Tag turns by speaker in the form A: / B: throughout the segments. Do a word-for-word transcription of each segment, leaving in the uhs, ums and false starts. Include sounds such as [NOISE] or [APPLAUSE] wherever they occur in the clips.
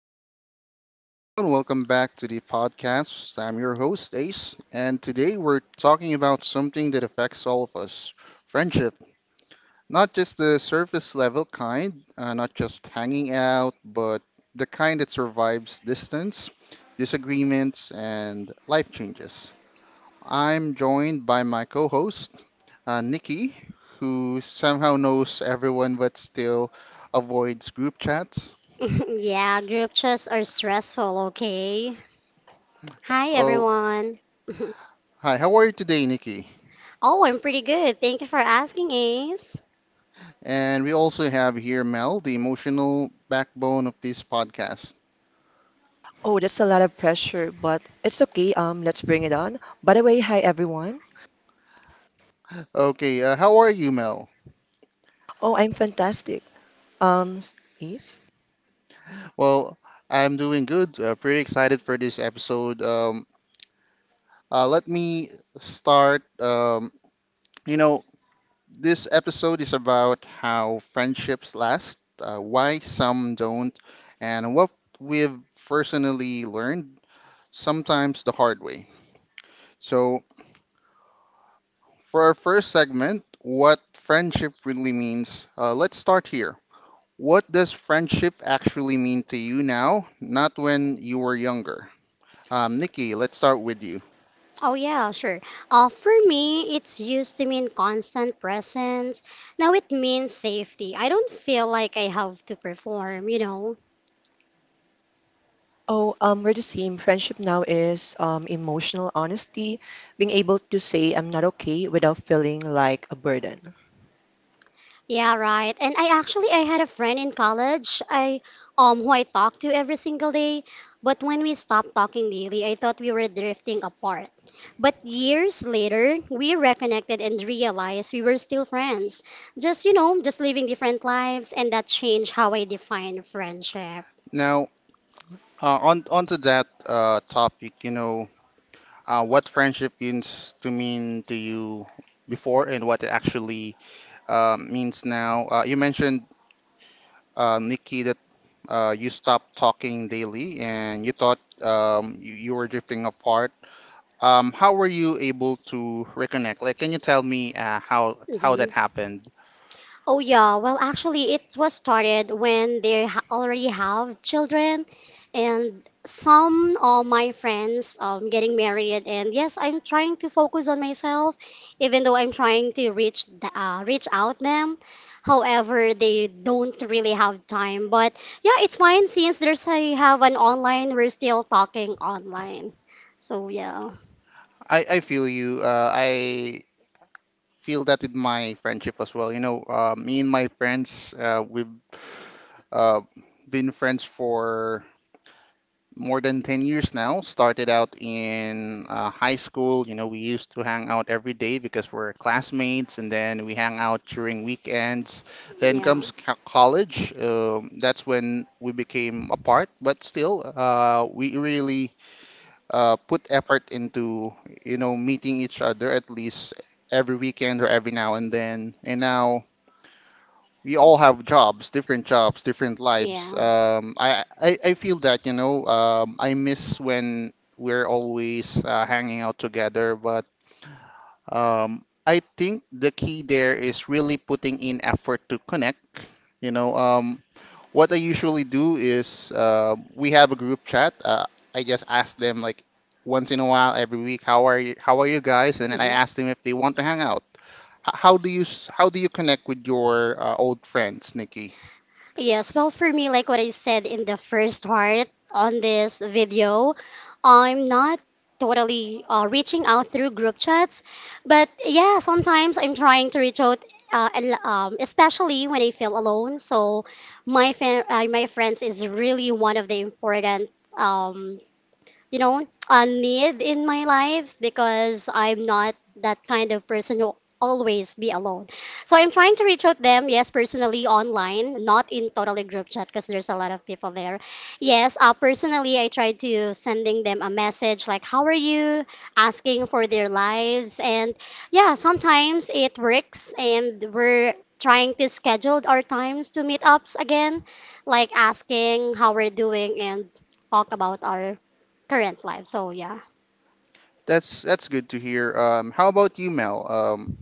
A: What's up, everyone? Welcome back to the podcast. I'm your host, Ace, and today we're talking about something that affects all of us, friendship. Not just the surface level kind, uh, not just hanging out, but the kind that survives distance, disagreements, and life changes. I'm joined by my co host, uh, Nikki, who somehow knows everyone but still avoids group chats.
B: [LAUGHS] Yeah, group chats are stressful, okay? Hi,
A: Oh,
B: everyone. [LAUGHS]
A: hi, how are you today, Nikki?
B: Oh, I'm pretty good. Thank you for asking, Ace.
A: And we also have here Mel, the emotional backbone of this podcast.
C: Oh, that's a lot of pressure, but it's okay. Um, let's bring it on. By the way, hi everyone.
A: Okay, uh, how are you, Mel?
C: Oh, I'm fantastic. Um, Please.
A: Well, I'm doing good. Uh, pretty excited for this episode. Um, uh, let me start. Um, you know, this episode is about how friendships last, uh, why some don't, and what we've personally learned, sometimes the hard way. So, for our first segment, what friendship really means, uh, let's start here. What does friendship actually mean to you now, not when you were younger? Um, Nikki, let's start with you.
B: Oh, yeah, sure. Uh, for me, it's used to mean constant presence. Now it means safety. I don't feel like I have to perform, you know?
C: Oh, um, we're the same. Friendship now is um emotional honesty, being able to say I'm not okay without feeling like a burden.
B: Yeah, right. And I actually I had a friend in college I um who I talked to every single day, but when we stopped talking daily, I thought we were drifting apart. But years later, we reconnected and realized we were still friends. Just, you know, just living different lives, and that changed how I define friendship.
A: Now, uh, on onto that uh, topic, you know, uh, what friendship means to mean to you before and what it actually uh, means now. Uh, you mentioned, uh, Nikki, that uh, you stopped talking daily and you thought um, you, you were drifting apart. Um, how were you able to reconnect? Like, can you tell me uh, how how that
B: Mhm.
A: happened?
B: Oh yeah, well actually it was started when they ha already have children and some of my friends um getting married, and yes, I'm trying to focus on myself even though I'm trying to reach the, uh, reach out them. However, they don't really have time. But yeah, it's fine since there's I have an online, we're still talking online. So yeah.
A: I, I feel you. Uh, I feel that with my friendship as well. You know, uh, me and my friends, uh, we've uh, been friends for more than ten years now. Started out in uh, high school. You know, we used to hang out every day because we're classmates, and then we hang out during weekends. Then
B: Yeah.
A: comes co- college. Um, that's when we became apart, but still, uh, we really uh, put effort into, you know, meeting each other at least every weekend or every now and then. And now we all have jobs, different jobs, different lives.
B: Yeah.
A: Um, I, I, I feel that, you know, um, I miss when we're always uh, hanging out together, but um, I think the key there is really putting in effort to connect. You know, um, what I usually do is uh, we have a group chat. Uh, I just ask them like once in a while, every week, how are you? How are you guys? And then
B: Mhm.
A: I ask them if they want to hang out. H- how do you s- how do you connect with your uh, old friends, Nikki?
B: Yes, well, for me, like what I said in the first part on this video, I'm not totally uh, reaching out through group chats, but yeah, sometimes I'm trying to reach out, uh, al- um, especially when I feel alone. So my fa- uh, my friends is really one of the important um, you know, a need in my life because I'm not that kind of person who always be alone. So I'm trying to reach out them, yes, personally online, not in totally group chat because there's a lot of people there. Yes, uh, personally, I try to sending them a message like, how are you? Asking for their lives. And yeah, sometimes it works and we're trying to schedule our times to meet ups again, like asking how we're doing and talk about our current life. So yeah.
A: That's that's good to hear. Um, how about you, Mel? Um,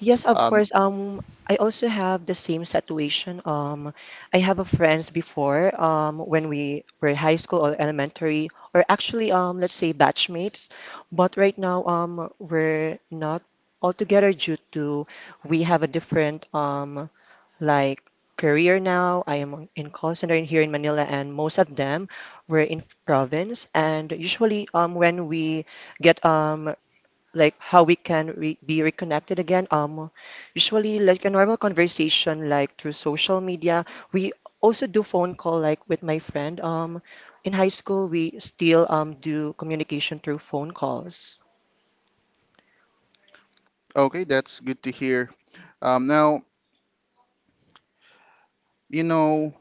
C: Yes, of
A: um,
C: course. Um, I also have the same situation. Um, I have a friends before, um, when we were high school or elementary, or actually, um, let's say batchmates. But right now, um, we're not all together due to we have a different, um, like career now. I am in call center in- here in Manila, and most of them were in province. And usually, um, when we get um like how we can re be reconnected again. Um, usually like a normal conversation like through social media. We also do phone call like with my friend. Um, in high school we still um do communication through phone calls.
A: okay, that's good to hear. Um, now you know.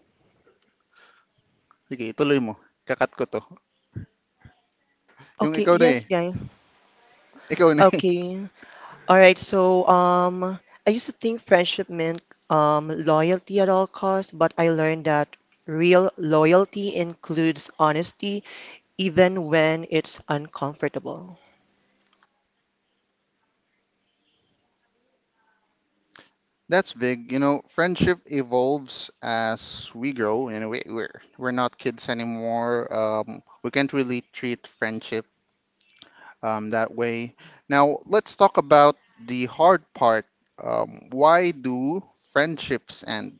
A: Sige, tuloy mo. Kakat ko to. Yung
C: Okay,
A: ikaw na eh.
C: yes, guys.
A: Ikaw na eh.
C: Okay. All right, so um I used to think friendship meant um loyalty at all costs, but I learned that real loyalty includes honesty even when it's uncomfortable.
A: That's big. You know, friendship evolves as we grow. You know, we, we're we're not kids anymore. Um, we can't really treat friendship um, that way. Now, let's talk about the hard part. Um, why do friendships end?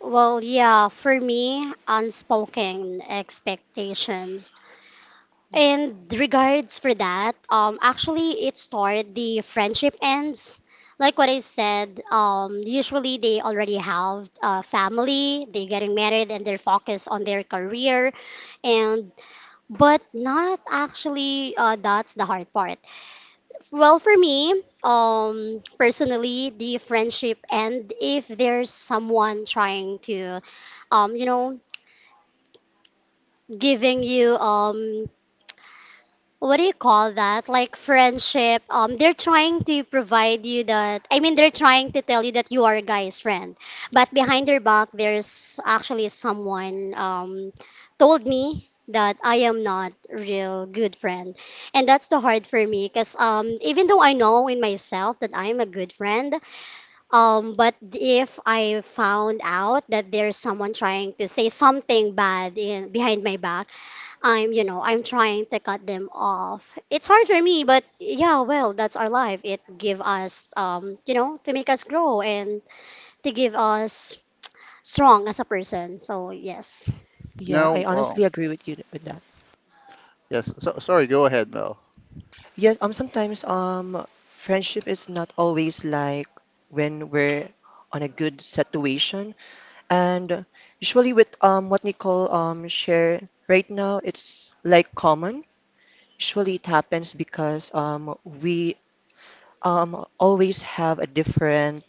B: Well, yeah, for me, unspoken expectations. And regards for that, um, actually it started the friendship ends. Like what I said, um, usually they already have a family, they getting married and they're focused on their career and but not actually uh, that's the hard part. Well, for me, um, personally, the friendship and if there's someone trying to, um, you know, giving you um what do you call that? Like friendship. Um, they're trying to provide you that. I mean, they're trying to tell you that you are a guy's friend, but behind their back, there's actually someone um told me that I am not real good friend, and that's the hard for me because um even though I know in myself that I'm a good friend, um, but if I found out that there's someone trying to say something bad in behind my back, I'm, you know, I'm trying to cut them off. It's hard for me, but yeah, well, that's our life. It give us, um, you know, to make us grow and to give us strong as a person. So yes.
C: Yeah,
A: Now,
C: I
A: oh,
C: honestly agree with you with that.
A: yes. So, sorry. Go ahead, Mel.
C: Yes, um, sometimes um, friendship is not always like when we're on a good situation, and usually with um what Nicole um shared right now, it's like common. Usually it happens because um we um always have a different,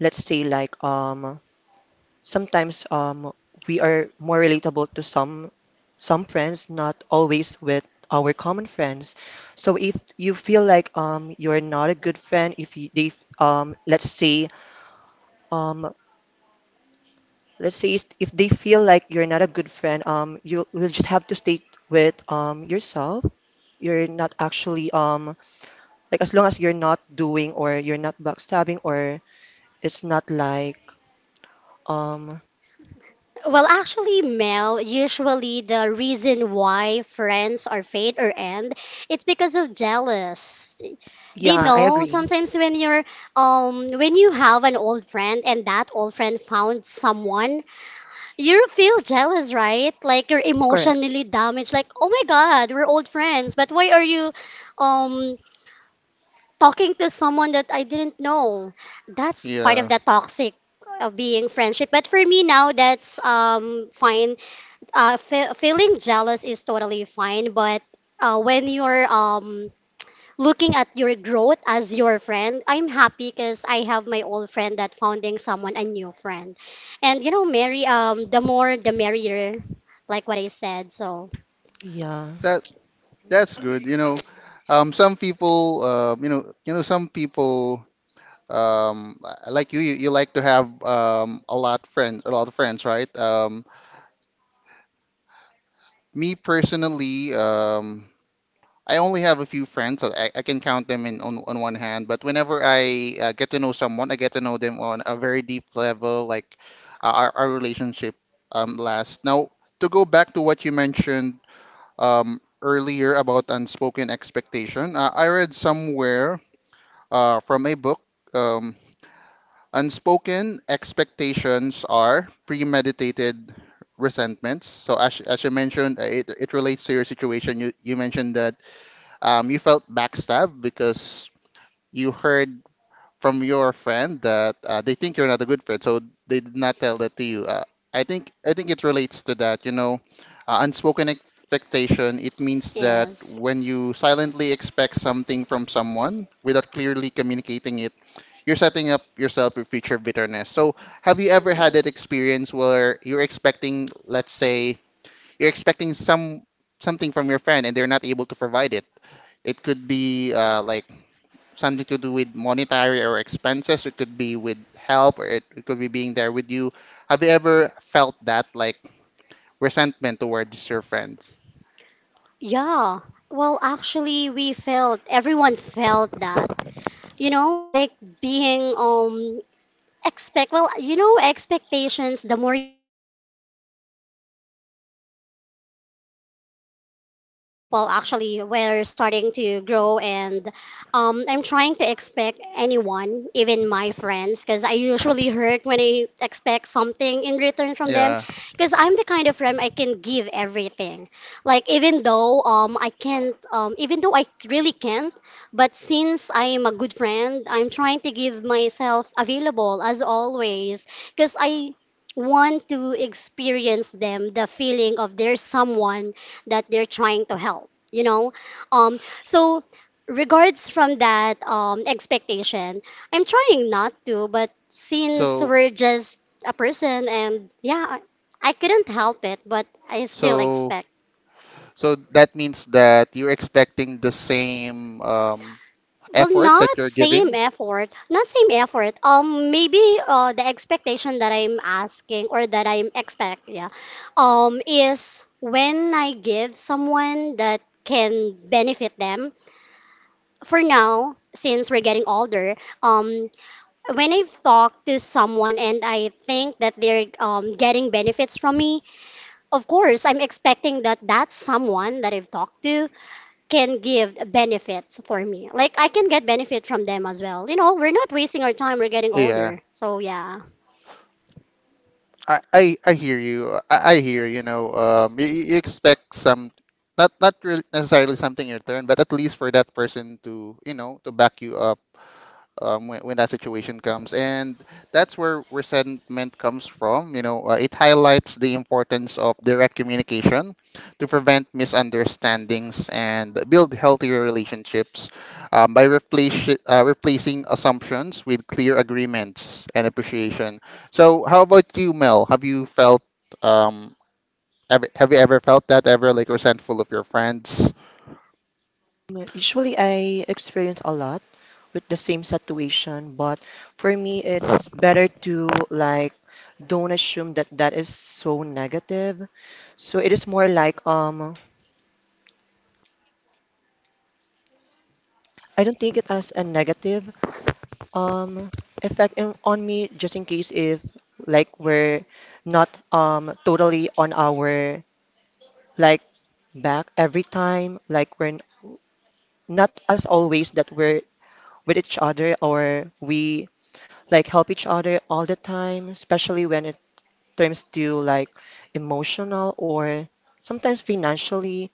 C: let's say like um sometimes um we are more relatable to some some friends, not always with our common friends. So if you feel like um you're not a good friend, if you, they um let's say um let's say if, if they feel like you're not a good friend, um you will just have to stay with um yourself. You're not actually um like as long as you're not doing or you're not backstabbing or it's not like, um
B: Well, actually, Mel, usually the reason why friends are fade or end, it's because of jealous. They
C: yeah, I
B: know
C: agree.
B: sometimes when you're um when you have an old friend and that old friend found someone, you feel jealous, right? Like you're
C: Correct.
B: emotionally damaged. Like, oh my God, we're old friends, but why are you um talking to someone that I didn't know? That's part of
A: Yeah,
B: the toxic of being friendship. But for me now, that's um fine. Uh, fe Feeling jealous is totally fine, but uh, when you're um looking at your growth as your friend, I'm happy because I have my old friend that founding someone a new friend. And you know, Mary, um, the more the merrier, like what I said. So
C: Yeah.
A: that that's good. You know, um, some people, uh, you know, you know, some people, Um, uh, like you, you you like to have um, a lot friends, a lot of friends, right? Um, me personally, um, I only have a few friends. So I, I can count them in on, on one hand. But whenever I uh, get to know someone, I get to know them on a very deep level, like uh, our, our relationship um, lasts. Now, to go back to what you mentioned um, earlier about unspoken expectation, uh, I read somewhere uh, from a book. Um, Unspoken expectations are premeditated resentments. So as, as you mentioned, uh, it, it relates to your situation. You, you mentioned that um, you felt backstabbed because you heard from your friend that uh, they think you're not a good friend, so they did not tell that to you. Uh, I think I think it relates to that. You know, uh, unspoken expectation. It means that
B: yes,
A: when you silently expect something from someone without clearly communicating it, you're setting up yourself for future bitterness. So, have you ever had that
B: yes.
A: experience where you're expecting, let's say, you're expecting some something from your friend and they're not able to provide it? It could be uh, like something to do with monetary or expenses. It could be with help or it, it could be being there with you. Have you ever felt that like resentment towards your friends?
B: Yeah. Well, actually, we felt everyone felt that. You know, like being um expect. Well, you know, expectations. The more you expect, the more you hurt someone. So y-
C: Yeah.
B: when I grow up, well, actually, we're starting to grow, and um, I'm trying to expect anyone, even my friends, because I usually hurt when I expect something in return from them.
A: Yeah.
B: Because I'm the kind of friend I can give everything. Like even though um I can't, um even though I really can't, but since I am a good friend, I'm trying to give myself available as always because I want to experience them the feeling of there's someone that they're trying to help, you know, um, so regards from that um expectation, I'm trying not to, but since
A: So
B: we're just a person, and yeah i, I couldn't help it but I still
A: so
B: expect.
A: so that means that you're expecting the same um,
B: Well,
A: effort that
B: not
A: you're
B: same
A: giving.
B: effort, not same effort. Um, maybe uh, the expectation that I'm asking or that I'm expect, yeah, um, is when I give someone that can benefit them. For now, since we're getting older, um, when I've talked to someone and I think that they're um, getting benefits from me, of course, I'm expecting that that someone that I've talked to can give benefits for me. Like I can get benefit from them as well. You know, we're not wasting our time. We're getting
A: Yeah.
B: older, so yeah.
A: I, I, I hear you. I, I hear, you know, um, you, you expect some, not not really necessarily something in return, but at least for that person to, you know, to back you up um, when, when that situation comes. And that's where resentment comes from. You know, uh, it highlights the importance of direct communication to prevent misunderstandings and build healthier relationships um, by replace, uh, replacing assumptions with clear agreements and appreciation. So, how about you, Mel? Have you felt um, have, have you ever felt that ever like resentful of your friends?
C: Mm, Usually, I experience a lot with the same situation, but for me, it's better to like don't assume that that is so negative. So it is more like, um, I don't take it as a negative um effect in, on me, just in case if like we're not um totally on our like back every time, like we're n- not as always that we're with each other or we like help each other all the time, especially when it comes to like emotional or sometimes financially.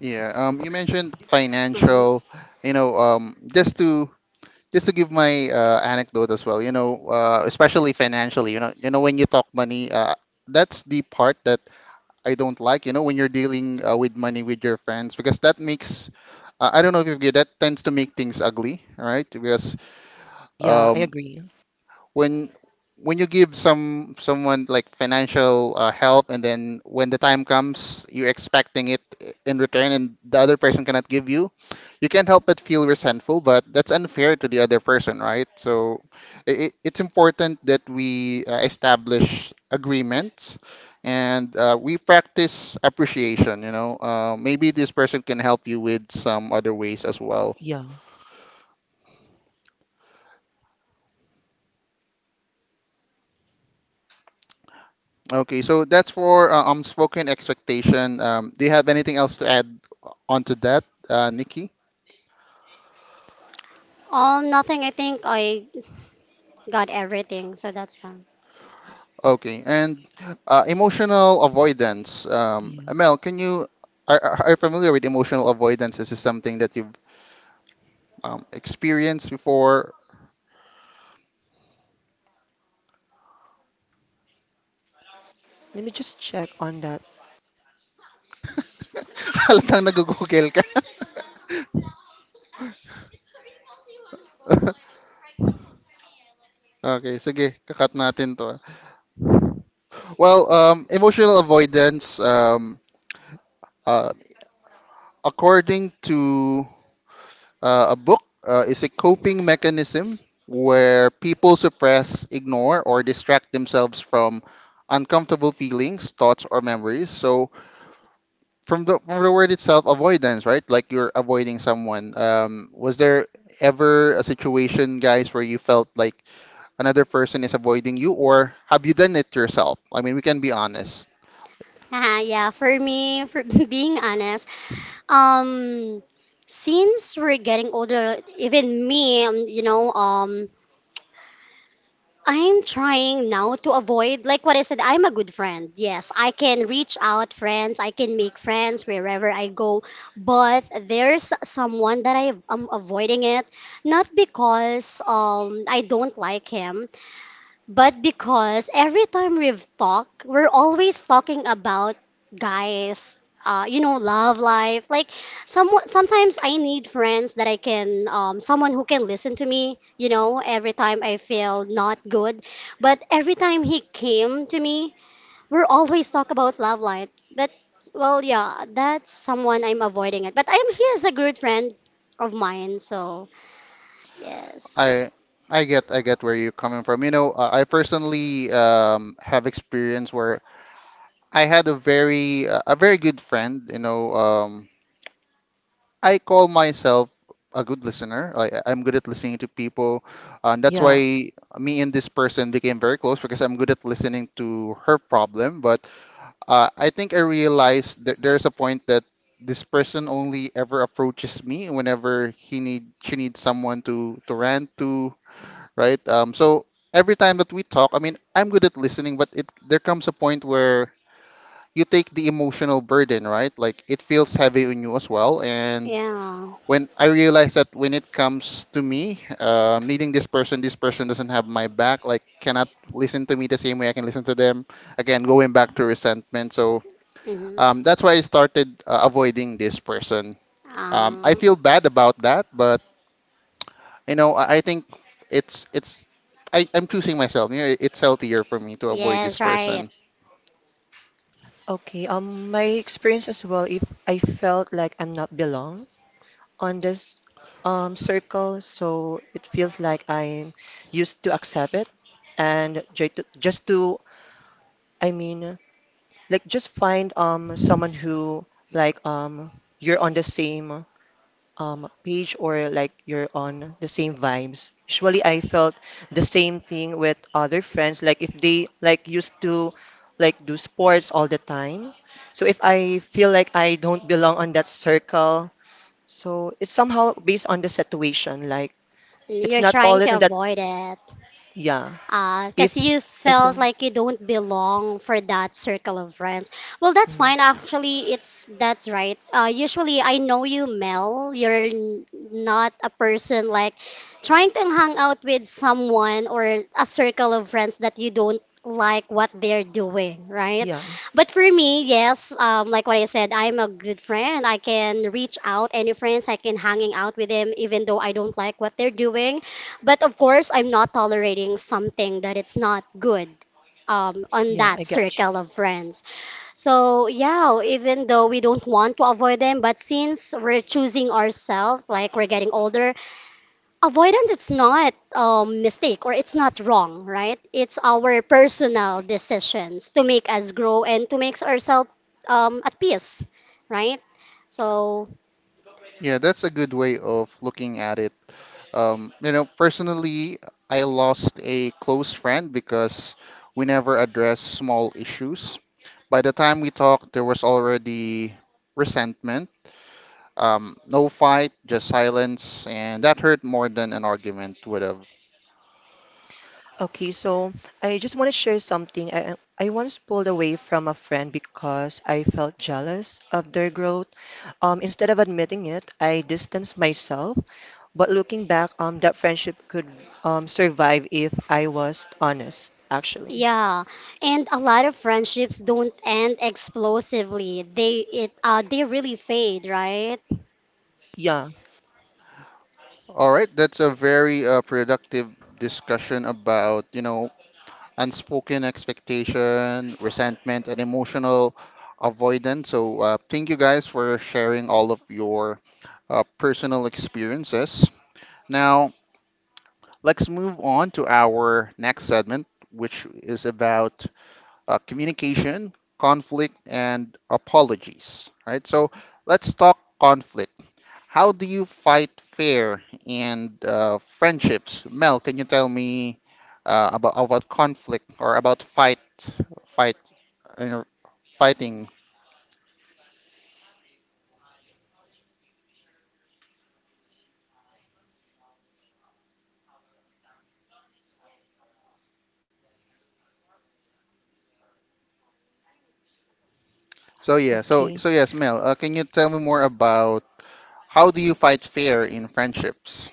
A: Yeah. Um. You mentioned
B: Hmm.
A: financial. You know. Um. Just to just to give my uh, anecdote as well, you know, uh, especially financially, you know, you know, when you talk money, uh, that's the part that I don't like, you know, when you're dealing uh, with money with your friends, because that makes, uh, I don't know if you get that, tends to make things ugly, right? Because
C: Yeah, I
A: um,
C: agree.
A: when when you give some someone like financial uh, help, and then when the time comes, you're expecting it in return, and the other person cannot give you, you can't help but feel resentful, but that's unfair to the other person, right? So it, it's important that we uh, establish agreements and uh, we practice appreciation, you know. Uh, maybe this person can help you with some other ways as well.
C: Yeah,
A: Okay, so that's for uh, unspoken expectation. Um, do you have anything else to add onto that, uh, Nikki?
B: Um, nothing. I think I got everything, so that's fine.
A: Okay, and uh, emotional avoidance. Um,
C: yeah.
A: Mel, can you, are, are are you familiar with emotional avoidance? Is this something that you've um, experienced before?
C: Let me just check on that.
A: [LAUGHS] Halatang nag-google ka. Okay, sige, kakat natin to. ah. Well, um, emotional avoidance, um, uh, according to Uh, a book uh, is a coping mechanism where people suppress, ignore, or distract themselves from uncomfortable feelings, thoughts, or memories. So, from the, from the word itself, avoidance, right? Like you're avoiding someone. Um, was there ever a situation, guys, where you felt like another person is avoiding you, or have you done it yourself? I mean, we can be honest.
B: Uh, yeah, for me, for [LAUGHS] being honest, um, since we're getting older, even me, um, you know, um, I'm trying now to avoid, like what I said, I'm a good friend. Yes, I can reach out friends, I can make friends wherever I go, but there's someone that I am avoiding it, not because um I don't like him, but because every time we've talked, we're always talking about guys, uh, you know, love life. Like some sometimes I need friends that I can, um, someone who can listen to me. You know, every time I feel not good, but every time he came to me, we're always talk about love life. But well, yeah, that's someone I'm avoiding it. But I'm he is a good friend of mine, so yes,
A: I I get I get where you're coming from. You know, uh, I personally um, have experience where I had a very uh, a very good friend. You know, um, I call myself a good listener. I, I'm good at listening to people, and that's
C: Yeah,
A: why me and this person became very close because I'm good at listening to her problem. But uh, I think I realized that there's a point that this person only ever approaches me whenever he need she needs someone to to rant to, right? Um, so every time that we talk, I mean, I'm good at listening, but it there comes a point where you take the emotional burden, right? Like it feels heavy on you as well. And
B: yeah.
A: when I realized that when it comes to me, um, needing this person, this person doesn't have my back, like cannot listen to me the same way I can listen to them. Again, going back to resentment. So
B: Mm-hmm.
A: um, that's why I started uh, avoiding this person. Um, I
B: Um,
A: feel bad about that, but you know, I, I think it's it's I, I'm choosing myself. You know, it's healthier for me to avoid this
B: yes, right.
A: person.
C: okay. Um, my experience as well, if I felt like I'm not belong on this um circle, so it feels like I'm used to accept it and try to, just to, I mean, like just find um someone who like um you're on the same um page or like you're on the same vibes. Usually I felt the same thing with other friends like if they like used to like do sports all the time. So if I feel like I don't belong on that circle, so it's somehow based on the situation like it's
B: You're
C: not all
B: trying to
C: that and that
B: avoid it.
C: yeah.
B: Because
C: If
B: you
C: I
B: felt
C: feel.
B: like you don't belong for that circle of friends. Well, that's
C: Mm.
B: fine. Actually, it's that's right. Uh, usually, I know you, Mel. You're n- not a person like trying to hang out with someone or a circle of friends that you don't like what they're doing, right?
C: Yeah,
B: But for me, yes, um, like what I said, I'm a good friend. I can reach out any friends. I can hanging out with them even though I don't like what they're doing, but of course, I'm not tolerating something that it's not good um, on
C: yeah,
B: that
C: I got.
B: circle of friends. So yeah, even though we don't want to avoid them, but since we're choosing ourselves, like we're getting older, avoidance it's not a mistake or it's not wrong, right? It's our personal decisions to make us grow and to make ourselves um, at peace, right? So
A: Yeah, that's a good way of looking at it. Um, you know, personally, I lost a close friend because we never addressed small issues. By the time we talked, there was already resentment. Um, no fight, just silence, and that hurt more than an argument would have.
C: Okay, so I just want to share something. I, I once pulled away from a friend because I felt jealous of their growth. Um, instead of admitting it, I distanced myself. But looking back, um, that friendship could um, survive if I was honest, actually.
B: yeah, and a lot of friendships don't end explosively. They it uh they really fade, right?
C: Yeah,
A: All right, that's a very uh, productive discussion about, you know, unspoken expectation, resentment, and emotional avoidance. So, uh, thank you guys for sharing all of your uh, personal experiences. Now, let's move on to our next segment, which is about uh, communication, conflict, and apologies. Right. So let's talk conflict. How do you fight fair and uh, friendships? Mel, can you tell me uh, about about conflict or about fight, fight, uh, fighting? So yeah. So
C: okay.
A: so yes, Mel. Uh, can you tell me more about how do you fight fair in friendships?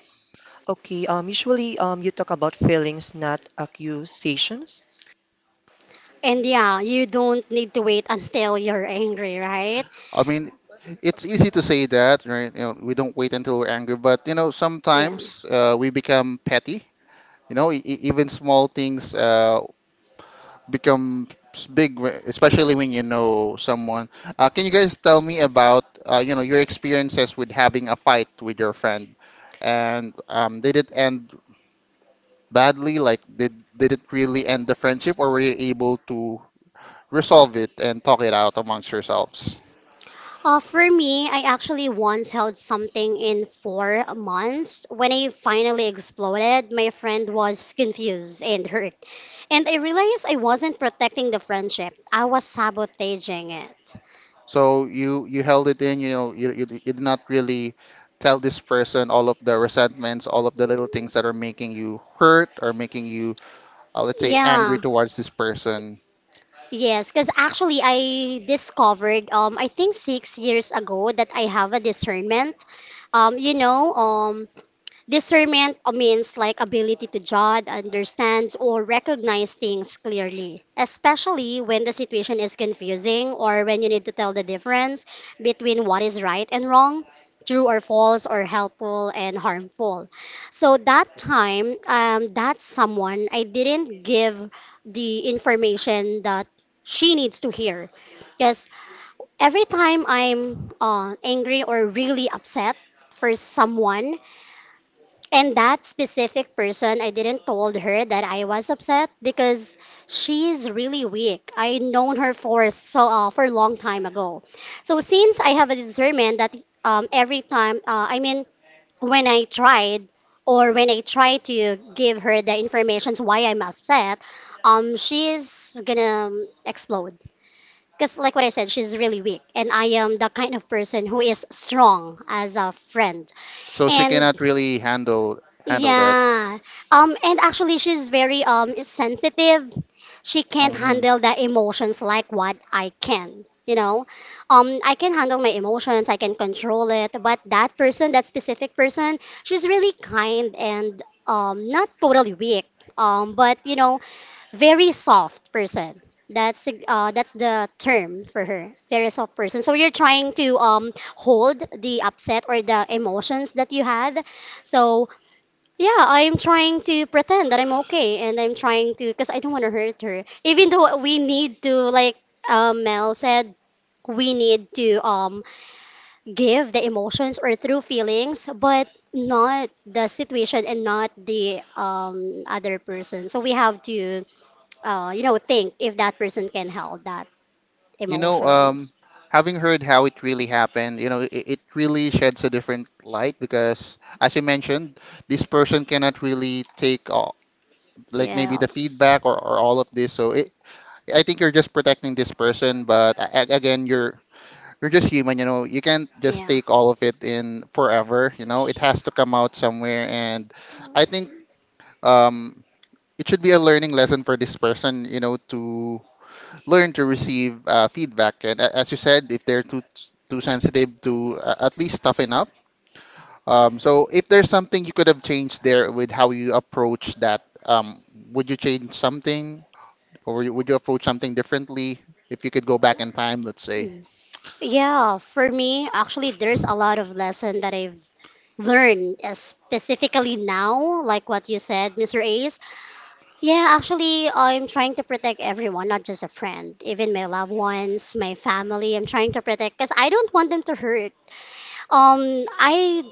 C: Okay, um, usually, um, you talk about feelings, not accusations.
B: And yeah, you don't need to wait until you're angry, right?
A: I mean, it's easy to say that, right? You know, we don't wait until we're angry, but you know,
B: Yeah.
A: sometimes uh, we become petty. You know, e- e- even small things uh, become s- big, wh- especially when you know someone. Uh, can you guys tell me about uh, you know your experiences with having a fight with your friend, and um, did it end badly? Like, did did it really end the friendship, or were you able to resolve it and talk it out amongst yourselves?
B: Uh, for me, I actually once held something in four months. When I finally exploded, my friend was confused and hurt. And I realized I wasn't protecting the friendship, I was sabotaging it.
A: So you you held it in, you know, you, you, you did not really tell this person all of the resentments, all of the little things that are making you hurt or making you, uh, let's say, angry
B: Yeah.
A: towards this person.
B: Yes, because actually I discovered um I think six years ago that I have a discernment. Um, you know, um, discernment means like ability to judge, understand, or recognize things clearly, especially when the situation is confusing or when you need to tell the difference between what is right and wrong, true or false, or helpful and harmful. So that time, um, that someone, I didn't give the information that she needs to hear. Because every time I'm uh, angry or really upset for someone, and that specific person, I didn't told her that I was upset because she's really weak. I known her for so uh, for a long time ago. So since I have a discernment that um, every time, uh, I mean, when I tried or when I try to give her the informations why I'm upset, um, she's gonna um, explode. Because like what I said, she's really weak, and I am the kind of person who is strong as a friend.
A: So she
B: And
A: cannot really handle handle that.
B: yeah. Um, and actually she's very um sensitive. She can't
A: Mhm.
B: handle the emotions like what I can, you know. Um, I can handle my emotions, I can control it, but that person, that specific person, she's really kind and um not totally weak. Um, but you know, very soft person. That's the- uh that's the term for her. Very soft person. So you're trying to um hold the upset or the emotions that you had. So yeah, I'm trying to pretend that I'm okay and I'm trying to because I don't want to hurt her. Even though we need to like um, Mel said, we need to um give the emotions or through feelings, but not the situation and not the um other person. So we have to uh you know think if that person can help that
A: You know, um,
B: emotions.
A: Having heard how it really happened, you know, it, it really sheds a different light because, as you mentioned, this person cannot really take all, like maybe the
B: Yes.
A: feedback, or or all of this. So it, I think you're just protecting this person, but a- a- again, you're you're just human, you know. You can't just
B: Yeah.
A: take all of it in forever, you know. It has to come out somewhere, and I think um, it should be a learning lesson for this person, you know, to learn to receive uh, feedback. And a- as you said, if they're too too sensitive, to uh, at least toughen up. Um, so if there's something you could have changed there with how you approach that, um, would you change something? Or would you would you approach something differently if you could go back in time, let's say?
B: Mm. Yeah, for me, actually, there's a lot of lesson that I've learn uh, specifically now, like what you said, mister Ace? Yeah, actually, I'm trying to protect everyone, not just a friend, even my loved ones, my family. I'm trying to protect because I don't want them to hurt. Um, I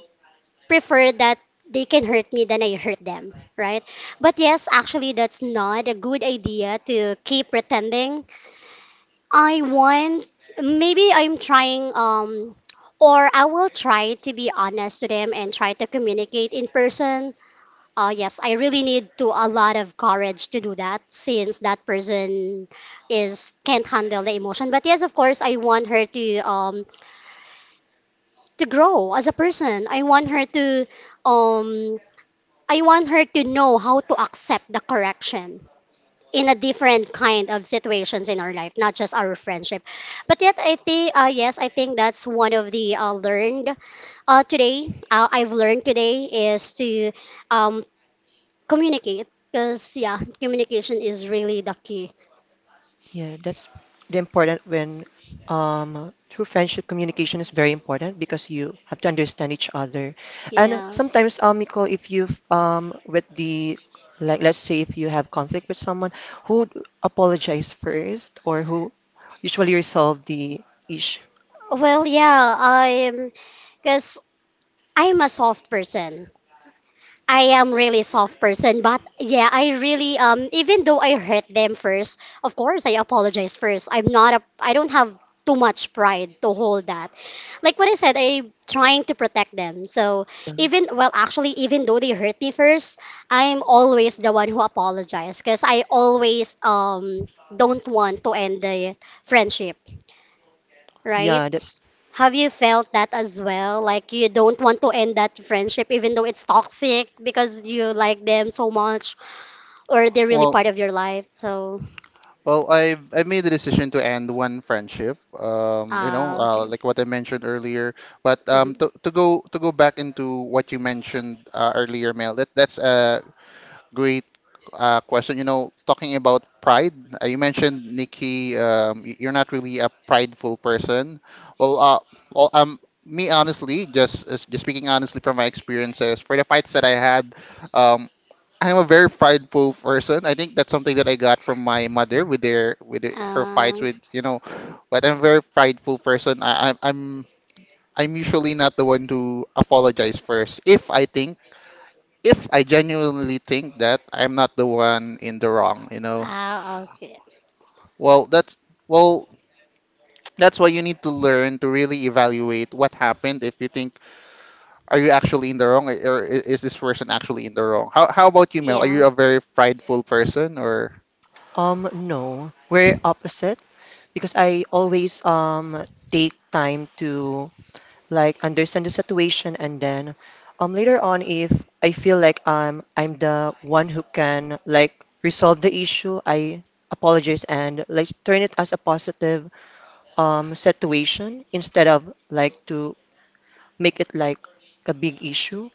B: prefer that they can hurt me than I hurt them, right? But yes, actually, that's not a good idea to keep pretending. I want, maybe I'm trying, um, or I will try to be honest to them and try to communicate in person. Oh, yes, I really need to a lot of courage to do that since that person is can't handle the emotion. But yes, of course, I want her to um to grow as a person. I want her to um I want her to know how to accept the correction in a different kind of situations in our life, not just our friendship. But yet, I think uh, yes, I think that's one of the uh, learned uh, today. Uh, I've learned today is to um communicate because yeah communication is really the key.
C: Yeah, that's the important when, um, true friendship communication is very important because you have to understand each other. And
B: Yes.
C: sometimes, um, Nicole, if you um with the like, let's say if you have conflict with someone, who would apologize first or who usually resolve the issue?
B: Well yeah i'm because i'm a soft person. I am really soft person, but yeah, I really um even though I hurt them first, of course I apologize first. I'm not a I don't have too much pride to hold that. Like what I said, I'm trying to protect them. So
C: Yeah,
B: even well actually even though they hurt me first, I'm always the one who apologizes because I always um don't want to end the friendship, right?
C: yeah, that's
B: Have you felt that as well? Like you don't want to end that friendship even though it's toxic because you like them so much or they're really
A: Well,
B: part of your life. So,
A: Well, I've I've made the decision to end one friendship. Um, you know,
B: uh,
A: uh,
B: okay.
A: like what I mentioned earlier. But um,
B: Mhm.
A: to, to go to go back into what you mentioned uh, earlier, Mel. That that's a great uh, question. You know, talking about pride. Uh, you mentioned Nikki. Um, y- you're not really a prideful person. Well, uh, well, um, Me honestly, just just speaking honestly from my experiences, for the fights that I had, Um. I'm a very prideful person. I think that's something that I got from my mother with their with the- her fights
B: Uh,
A: with you know, but I'm a very prideful person. I, I'm I'm I'm usually not the one to apologize first if I think if I genuinely think that I'm not the one in the wrong. You know,
B: ah, okay.
A: well that's well that's why you need to learn to really evaluate what happened. If you think are you actually in the wrong, or or is this person actually in the wrong? How how about you, Mel? Are
B: Yeah.
A: you a very prideful person or?
C: um no, we're opposite because I always um take time to like understand the situation and then um later on, if I feel like um I'm the one who can like resolve the issue, I apologize and like turn it as a positive um situation instead of like to make it like a big issue.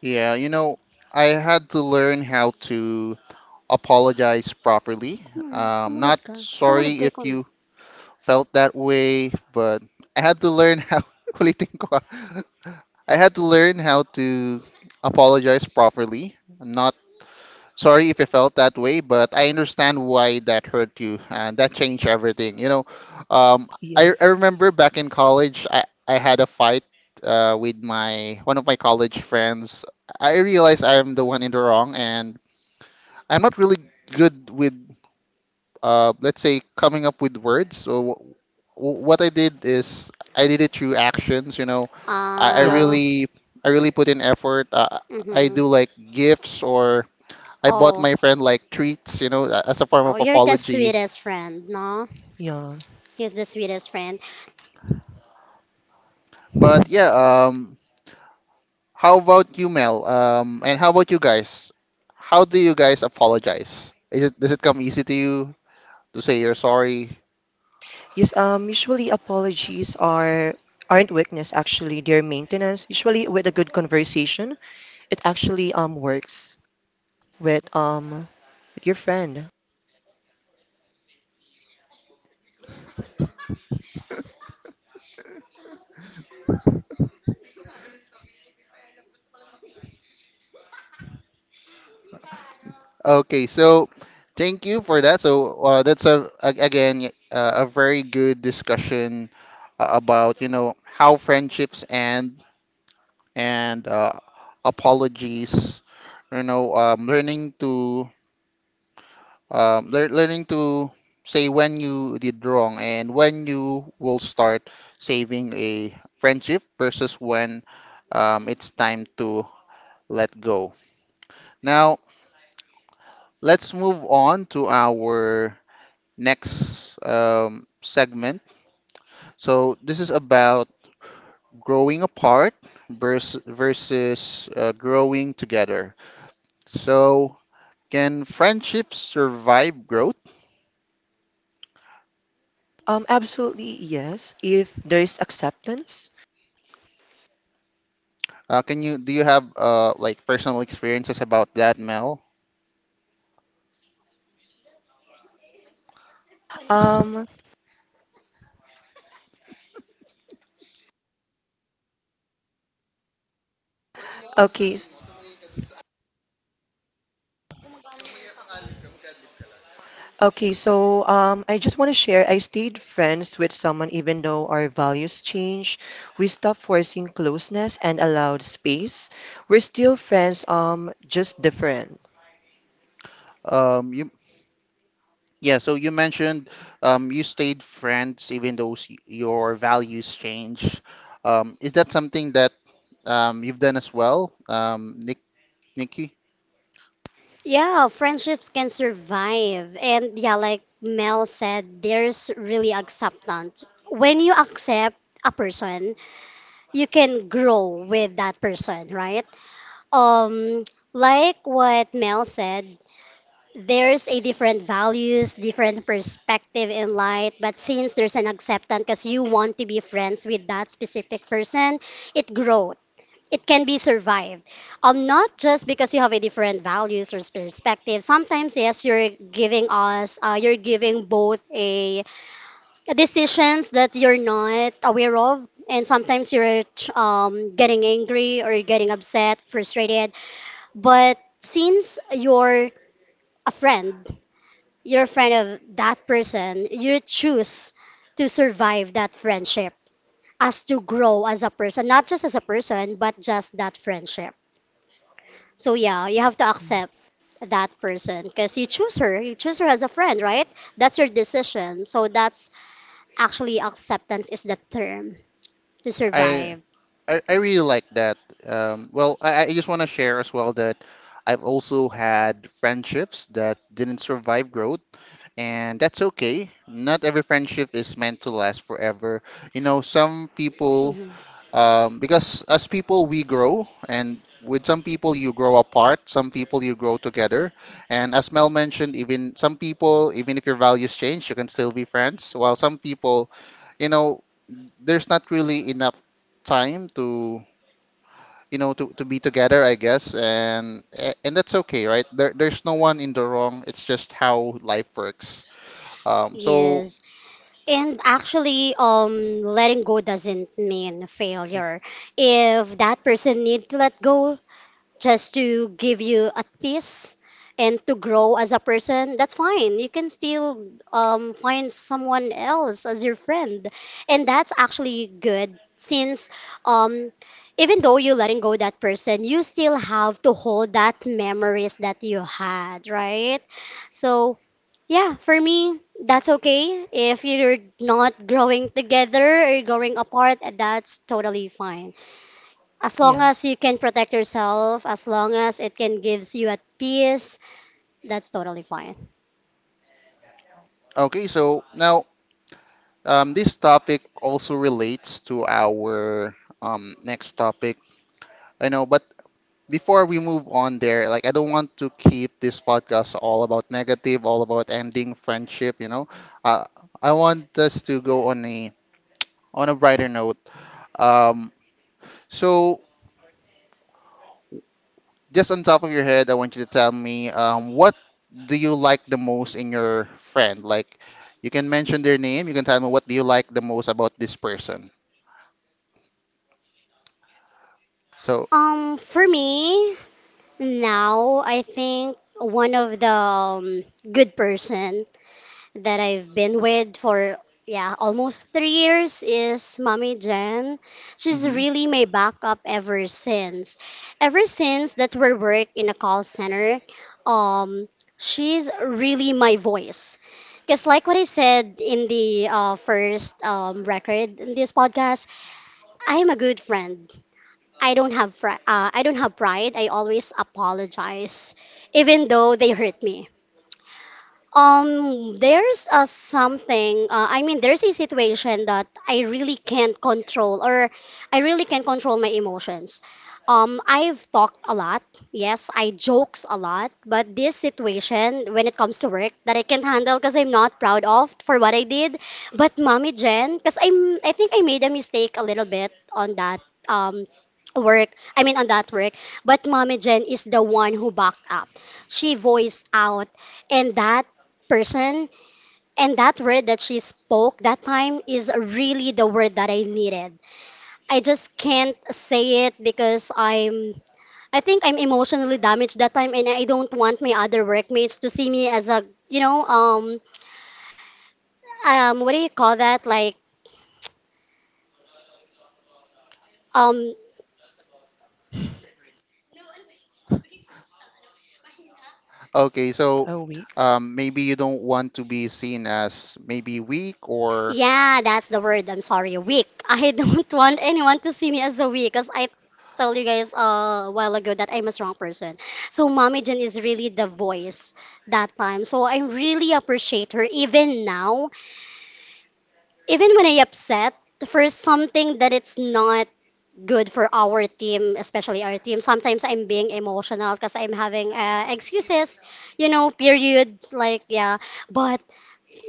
A: Yeah, you know, I had to learn how to apologize properly.
B: Come on,
A: Um,
B: sumunod
A: not
B: ka. Sumunod
A: sorry
B: ka,
A: if
B: ikaw na.
A: you felt that way, but I had to learn how. [LAUGHS] ulitin ko. Ah. I had to learn how to apologize properly, not sorry if you felt that way, but I understand why that hurt you. And that changed everything. You know, um,
C: Yeah,
A: I, I remember back in college, I, I had a fight uh, with my one of my college friends. I realized I'm the one in the wrong, and I'm not really good with, uh, let's say, coming up with words. So w- what I did is I did it through actions. You know, I, I
C: yeah,
B: Ah,
A: really I really put in effort. Uh, I
B: mhm.
A: do like gifts, or I bought
B: Oh.
A: my friend like treats, you know, a- as a form
B: Oh,
A: of
B: you're the
A: apology.
B: sweetest friend, no?
C: yeah.
B: He's the sweetest friend.
A: But yeah, um, how about you, Mel? Um, and how about you guys? How do you guys apologize? Is it Does it come easy to you to say you're sorry?
C: Yes, um, usually apologies are aren't weakness, actually, they're maintenance. Usually with a good conversation, it actually um works with um with your friend.
A: Okay, so thank you for that. So uh, that's a, a again y- uh, a very good discussion uh, about you know how friendships end and uh, apologies. You know, um, learning to um, lear learning to say when you did wrong and when you will start saving a friendship versus when um, it's time to let go. Now, let's move on to our next um, segment. So, this is about growing apart versus, versus uh, growing together. So, can friendships survive growth?
C: Um, absolutely yes, if there's acceptance.
A: Uh, can you Do you have uh, like personal experiences about that, Mel?
C: Um, okay, s- okay. So um, I just want to share. I stayed friends with someone even though our values change. We stopped forcing closeness and allowed space. We're still friends. Um, just different.
A: Um, you Yeah, so you mentioned um, you stayed friends even though s- your values change. Um, is that something that um, you've done as well, um, Nick, Nikki?
B: Yeah, friendships can survive. And yeah, like Mel said, there's really acceptance. When you accept a person, you can grow with that person, right? Um, like what Mel said, there's a different values, different perspective in life, but since there's an acceptance because you want to be friends with that specific person, it grows. It can be survived. Um, not just because you have a different values or perspective. Sometimes, yes, you're giving us, uh, you're giving both a decisions that you're not aware of, and sometimes you're um, getting angry or getting upset, frustrated. But since you're a friend, you're a friend of that person, you choose to survive that friendship as to grow as a person, not just as a person, but just that friendship. So yeah, you have to accept that person because you choose her. You choose her as a friend, right? That's your decision. So that's actually acceptance is the term to
A: I,
B: survive.
A: I I really like that. Um, well, I, I just want to share as well that I've also had friendships that didn't survive growth, and that's okay. Not every friendship is meant to last forever. You know, some people
B: Mhm.
A: Um, because as people, we grow, and with some people, you grow apart, some people, you grow together. And as Mel mentioned, even some people, even if your values change, you can still be friends, while some people, you know, there's not really enough time to you know to, to be together I guess, and eh, and that's okay. Right, there, there's no one in the wrong, it's just how life works. um so
B: Yes. And actually, um, letting go doesn't mean failure. If that person need to let go, just to give you a piece and to grow as a person, that's fine. You can still um, find someone else as your friend. And that's actually good since um, even though you're letting go that person, you still have to hold that memories that you had, right? So, yeah, for me, that's okay. If you're not growing together or growing apart, that's totally fine. As long
C: Yeah.
B: as you can protect yourself, as long as it can gives you at peace, that's totally fine.
A: okay, so now Um, this topic also relates to our um, next topic. I know, but before we move on there, like I don't want to keep this podcast all about negative, all about ending friendship, you know. Uh, I want us to go on a on a brighter note. Um, so just on top of your head, I want you to tell me um, what do you like the most in your friend? Like you can mention their name, you can tell me what do you like the most about this person. So,
B: Um, for me now, I think one of the um, good person that I've been with for yeah, almost three years is Mommy Jen. She's
A: mhm.
B: really my backup ever since. Ever since that we work in a call center, um, she's really my voice. Because like what I said in the uh, first um, record in this podcast, I am a good friend. I don't have fr- uh, I don't have pride. I always apologize, even though they hurt me. Um, there's a something, uh, I mean, there's a situation that I really can't control or I really can't control my emotions. Um, I've talked a lot. Yes, I jokes a lot, but this situation when it comes to work that I can't handle because I'm not proud of for what I did. But Mommy Jen, because I'm, I think I made a mistake a little bit on that um work. I mean, on that work. But Mommy Jen is the one who backed up. She voiced out and that person. And that word that she spoke that time is really the word that I needed. I just can't say it because I'm I think I'm emotionally damaged that time and I don't want my other workmates to see me as a you know um um what do you call that like um
A: Okay, so
C: A week.
A: um, maybe you don't want to be seen as maybe weak or
B: Yeah, that's the word. I'm sorry, weak. I [LAUGHS] don't want anyone to see me as a weak because I told you guys uh, a while ago that I'm a strong person. So Mommy Jen is really the voice that time. So I really appreciate her even now, even when I upset for something that it's not good for our team, especially our team. Sometimes I'm being emotional because I'm having uh, excuses, you know, period. Like yeah, but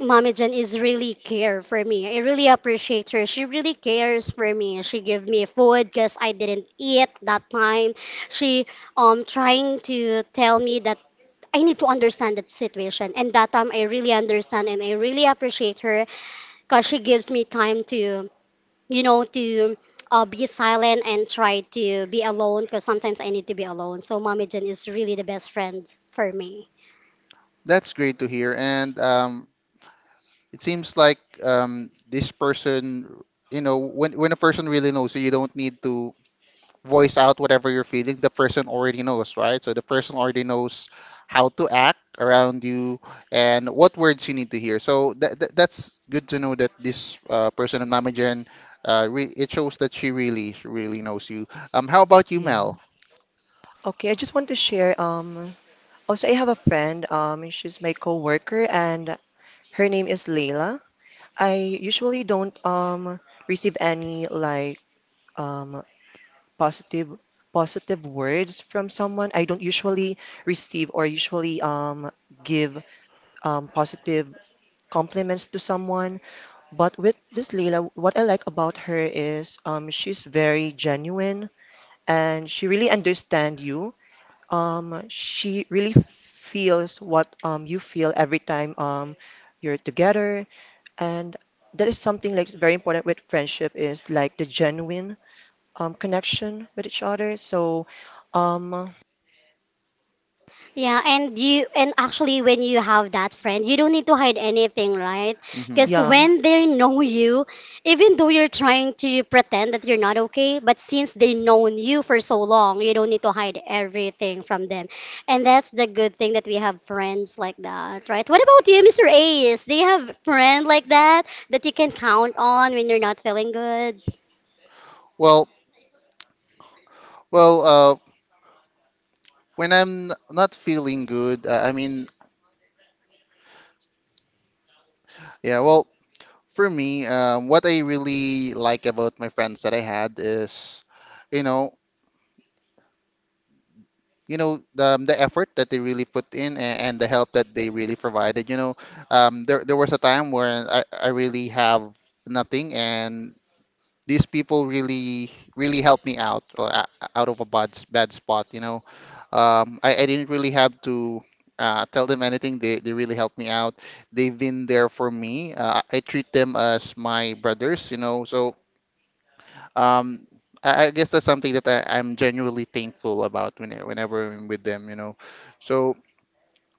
B: Mommy Jen is really care for me. I really appreciate her. She really cares for me. She give me food because I didn't eat that time. She um trying to tell me that I need to understand that situation. And that time I really understand and I really appreciate her because she gives me time to, you know, to uh, be silent and try to be alone because sometimes I need to be alone. So Mommy Jen is really the best friend for me.
A: that's great to hear. And um, it seems like um, this person, you know, when when a person really knows you, you don't need to voice out whatever you're feeling, the person already knows, right? So the person already knows how to act around you and what words you need to hear. So that, that that's good to know that this uh, person of Namajan, uh, re- it shows that she really, she really knows you. Um, how about you,
C: Yeah.
A: Mel?
C: Okay. I just want to share. Um, also I have a friend. Um, she's my coworker, and her name is Layla. I usually don't um receive any like um positive positive words from someone. I don't usually receive or usually um give um positive compliments to someone. But with this Leila, what I like about her is um she's very genuine and she really understands you. Um she really feels what um you feel every time um you're together, and that is something like very important with friendship is like the genuine um, connection with each other. So, um,
B: Yeah, and you and actually when you have that friend, you don't need to hide anything, right?
A: Hmm
B: Because
C: yeah,
B: when they know you, even though you're trying to pretend that you're not okay, but since they known you for so long, you don't need to hide everything from them. And that's the good thing that we have friends like that, right? What about you, mister Ace? Do you have friend like that that you can count on when you're not feeling good?
A: Well, well, uh, when I'm n- not feeling good, uh, I mean, yeah, well, for me, um, what I really like about my friends that I had is, you know, you know the, the effort that they really put in, and, and the help that they really provided you know um, there, there was a time where I, I really have nothing, and these people really really helped me out, or a- out of a bad, s- bad spot you know. Um, I, I didn't really have to uh, tell them anything. They, they really helped me out, they've been there for me uh, I treat them as my brothers you know so um, I, I guess that's something that I, I'm genuinely thankful about when, I- whenever I'm with them, you know. So,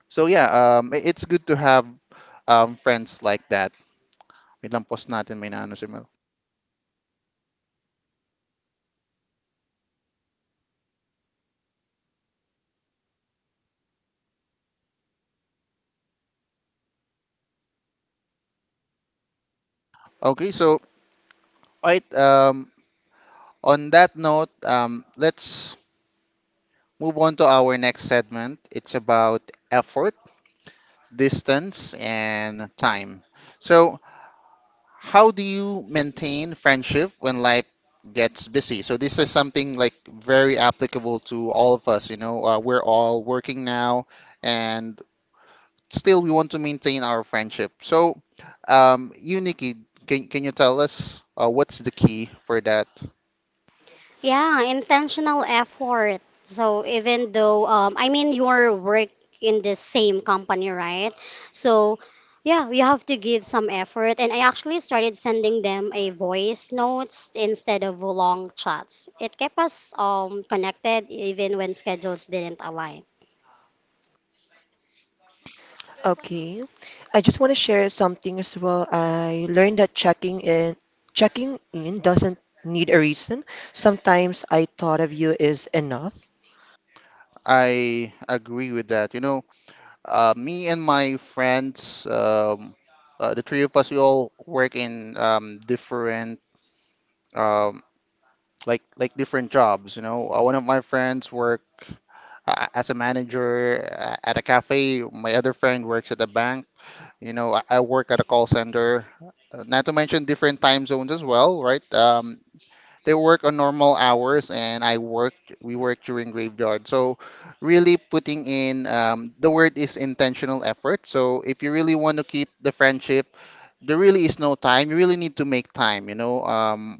A: so yeah, um, i- it's good to have um, friends like that. Wait lang, pause natin, may naano si Mel. Okay, so, right, um, on that note, um, let's move on to our next segment. It's about effort, distance, and time. So, how do you maintain friendship when life gets busy? So this is something like very applicable to all of us. You know, uh, we're all working now, and still we want to maintain our friendship. So, um, you, Nikki, can can you tell us uh, what's the key for that?
B: Yeah, intentional effort. So even though um I mean you're work in the same company, right? So yeah, you have to give some effort and I actually started sending them a voice notes instead of long chats. It kept us um connected even when schedules didn't align.
C: okay. I just want to share something as well. I learned that checking in, checking in doesn't need a reason. Sometimes I thought of you is enough.
A: I agree with that. You know, uh, me and my friends, um, uh, the three of us, we all work in um, different um, like like different jobs. You know, Uh, one of my friends work uh, as a manager uh, at a cafe. My other friend works at a bank. You know, I, I work at a call center. Uh, Not to mention different time zones as well, right? Um, they work on normal hours, and I work. We work during graveyard. So, really putting in um, the word is intentional effort. So, if you really want to keep the friendship, there really is no time. You really need to make time. You know, um,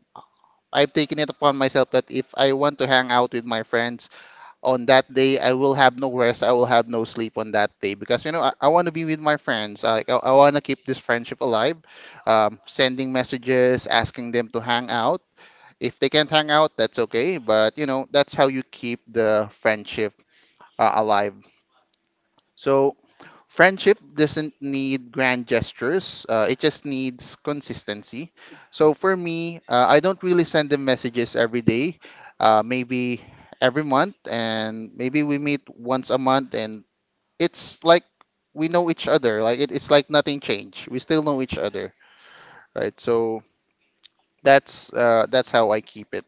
A: I've taken it upon myself that if I want to hang out with my friends on that day, I will have no rest. I will have no sleep on that day because you know I, I want to be with my friends. Like I, I want to keep this friendship alive. Um, sending messages, asking them to hang out. If they can't hang out, that's okay. But you know that's how you keep the friendship uh, alive. So friendship doesn't need grand gestures, uh, it just needs consistency. So for me, uh, I don't really send them messages every day. Uh, maybe every month, and maybe we meet once a month, and it's like we know each other. Like it, it's like nothing changed, we still know each other, right? So that's uh, that's how I keep it.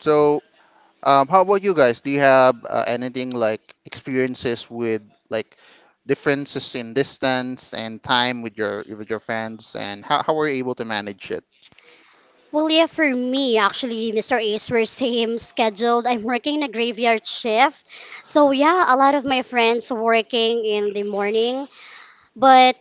A: So Um, how about you guys? Do you have uh, anything like experiences with, like, differences in distance and time with your with your friends, and how how were you able to manage it?
B: Well, yeah, for me, actually, mister Ace, we're [LAUGHS] same scheduled. I'm working a graveyard shift. So, yeah, a lot of my friends working in the morning. But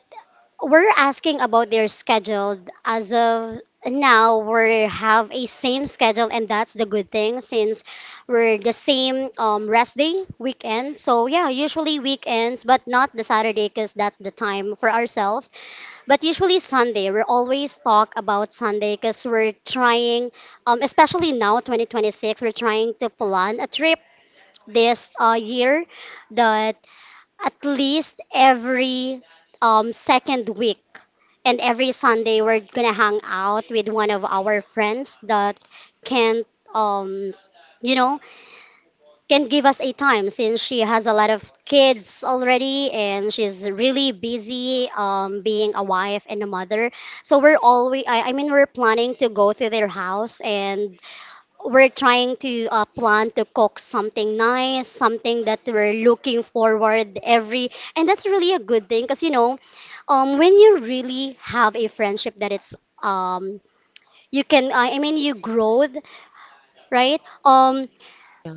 B: we're asking about their schedule. As of now, we have a same schedule, and that's the good thing since we're the same um, rest day weekend. So yeah, usually weekends, but not the Saturday because that's the time for ourselves. But usually Sunday, we always talk about Sunday because we're trying, um, especially now twenty twenty-six, we're trying to plan a trip this uh, year. The at least every um, second week and every Sunday, we're gonna hang out with one of our friends that can't, um, you know, can give us a time since she has a lot of kids already and she's really busy um, being a wife and a mother. So we're always, I, I mean, we're planning to go to their house and we're trying to uh, plan to cook something nice, something that we're looking forward every, and that's really a good thing because you know, um, when you really have a friendship that it's um, you can, I I mean, you grow, right? Um,
C: Yeah.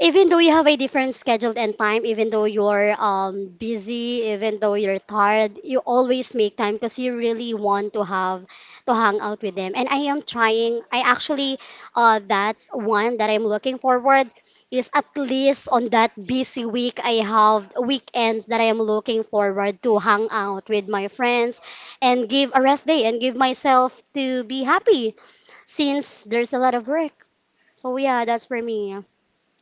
B: even though you have a different schedule and time, even though you're um, busy, even though you're tired, you always make time because you really want to have to hang out with them. And I am trying. I actually, uh, that's one that I'm looking forward is at least on that busy week I have weekends that I am looking forward to hang out with my friends and give a rest day and give myself to be happy since there's a lot of work. So yeah, that's for me.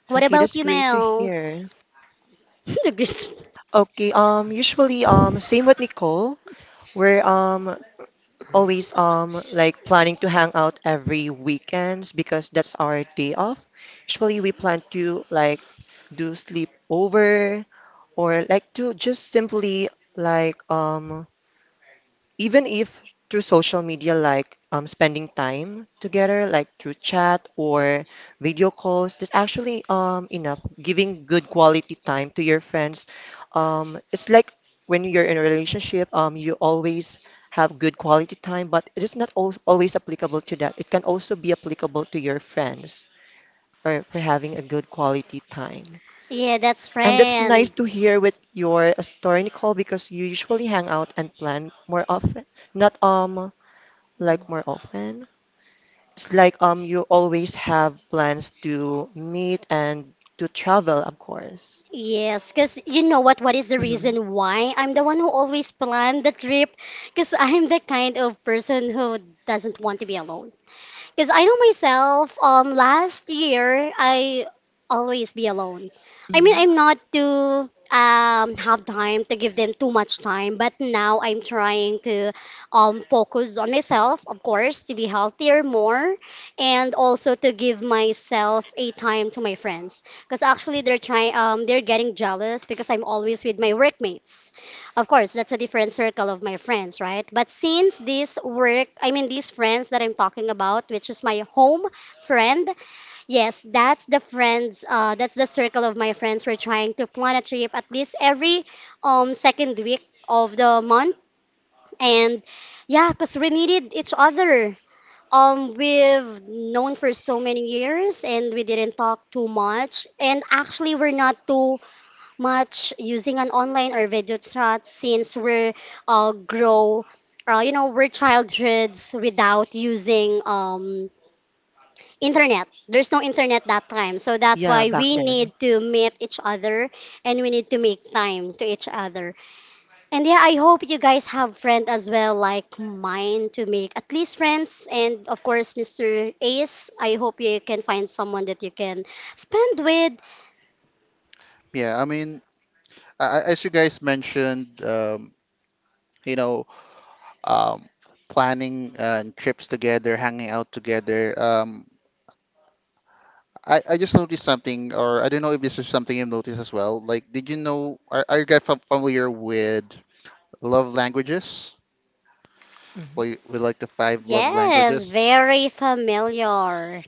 B: What
C: Okay,
B: about
C: that's
B: you,
C: great to
B: Mel?
C: hear.
B: [LAUGHS] The Grinch.
C: Okay, um, usually, um, same with Nicole. We're um always um like planning to hang out every weekends because that's our day off. Usually, we plan to like do sleepover or like to just simply, like, um even if through social media, like um spending time together, like through chat or video calls, that's actually um enough giving good quality time to your friends, um it's like when you're in a relationship, um you always have good quality time, but it is not al always applicable to that. It can also be applicable to your friends, or for having a good quality time.
B: Yeah, that's
C: And that's nice
B: friend.
C: to hear with your uh, story, Nicole, because you usually hang out and plan more often. Not um like more often. It's like um you always have plans to meet and to travel, of course.
B: Yes, because you know what? What is the
C: Hmm.
B: reason why I'm the one who always planned the trip? Because I'm the kind of person who doesn't want to be alone. Because I know myself, um, last year I always be alone. I mean,
C: Hmm.
B: I'm not to um have time to give them too much time, but now I'm trying to um focus on myself, of course, to be healthier more, and also to give myself a time to my friends. Because actually, they're trying um they're getting jealous because I'm always with my workmates. Of course, that's a different circle of my friends, right? But since this work, I mean, these friends that I'm talking about, which is my home friend, yes, that's the friends, uh, that's the circle of my friends. We're trying to plan a trip at least every um, second week of the month. And yeah, because we needed each other. Um, we've known for so many years and we didn't talk too much. And actually, we're not too much using an online or video chat since we're uh, grow, uh, you know, we're childhoods without using um, internet. There's no internet that time. So that's
C: Yeah,
B: why
C: back
B: we
C: then.
B: need to meet each other and we need to make time to each other. And yeah, I hope you guys have friends as well like mine to make at least friends. And of course, Mister Ace, I hope you can find someone that you can spend with.
A: Yeah, I mean, a- as you guys mentioned, um, you know, um, planning uh, trips together, hanging out together. Um, I, I just noticed something, or I don't know if this is something you've noticed as well. Like, did you know, are, are you guys fam- familiar with love languages?
C: Hmm.
A: We, we like the five love
B: Yes,
A: languages.
B: very familiar.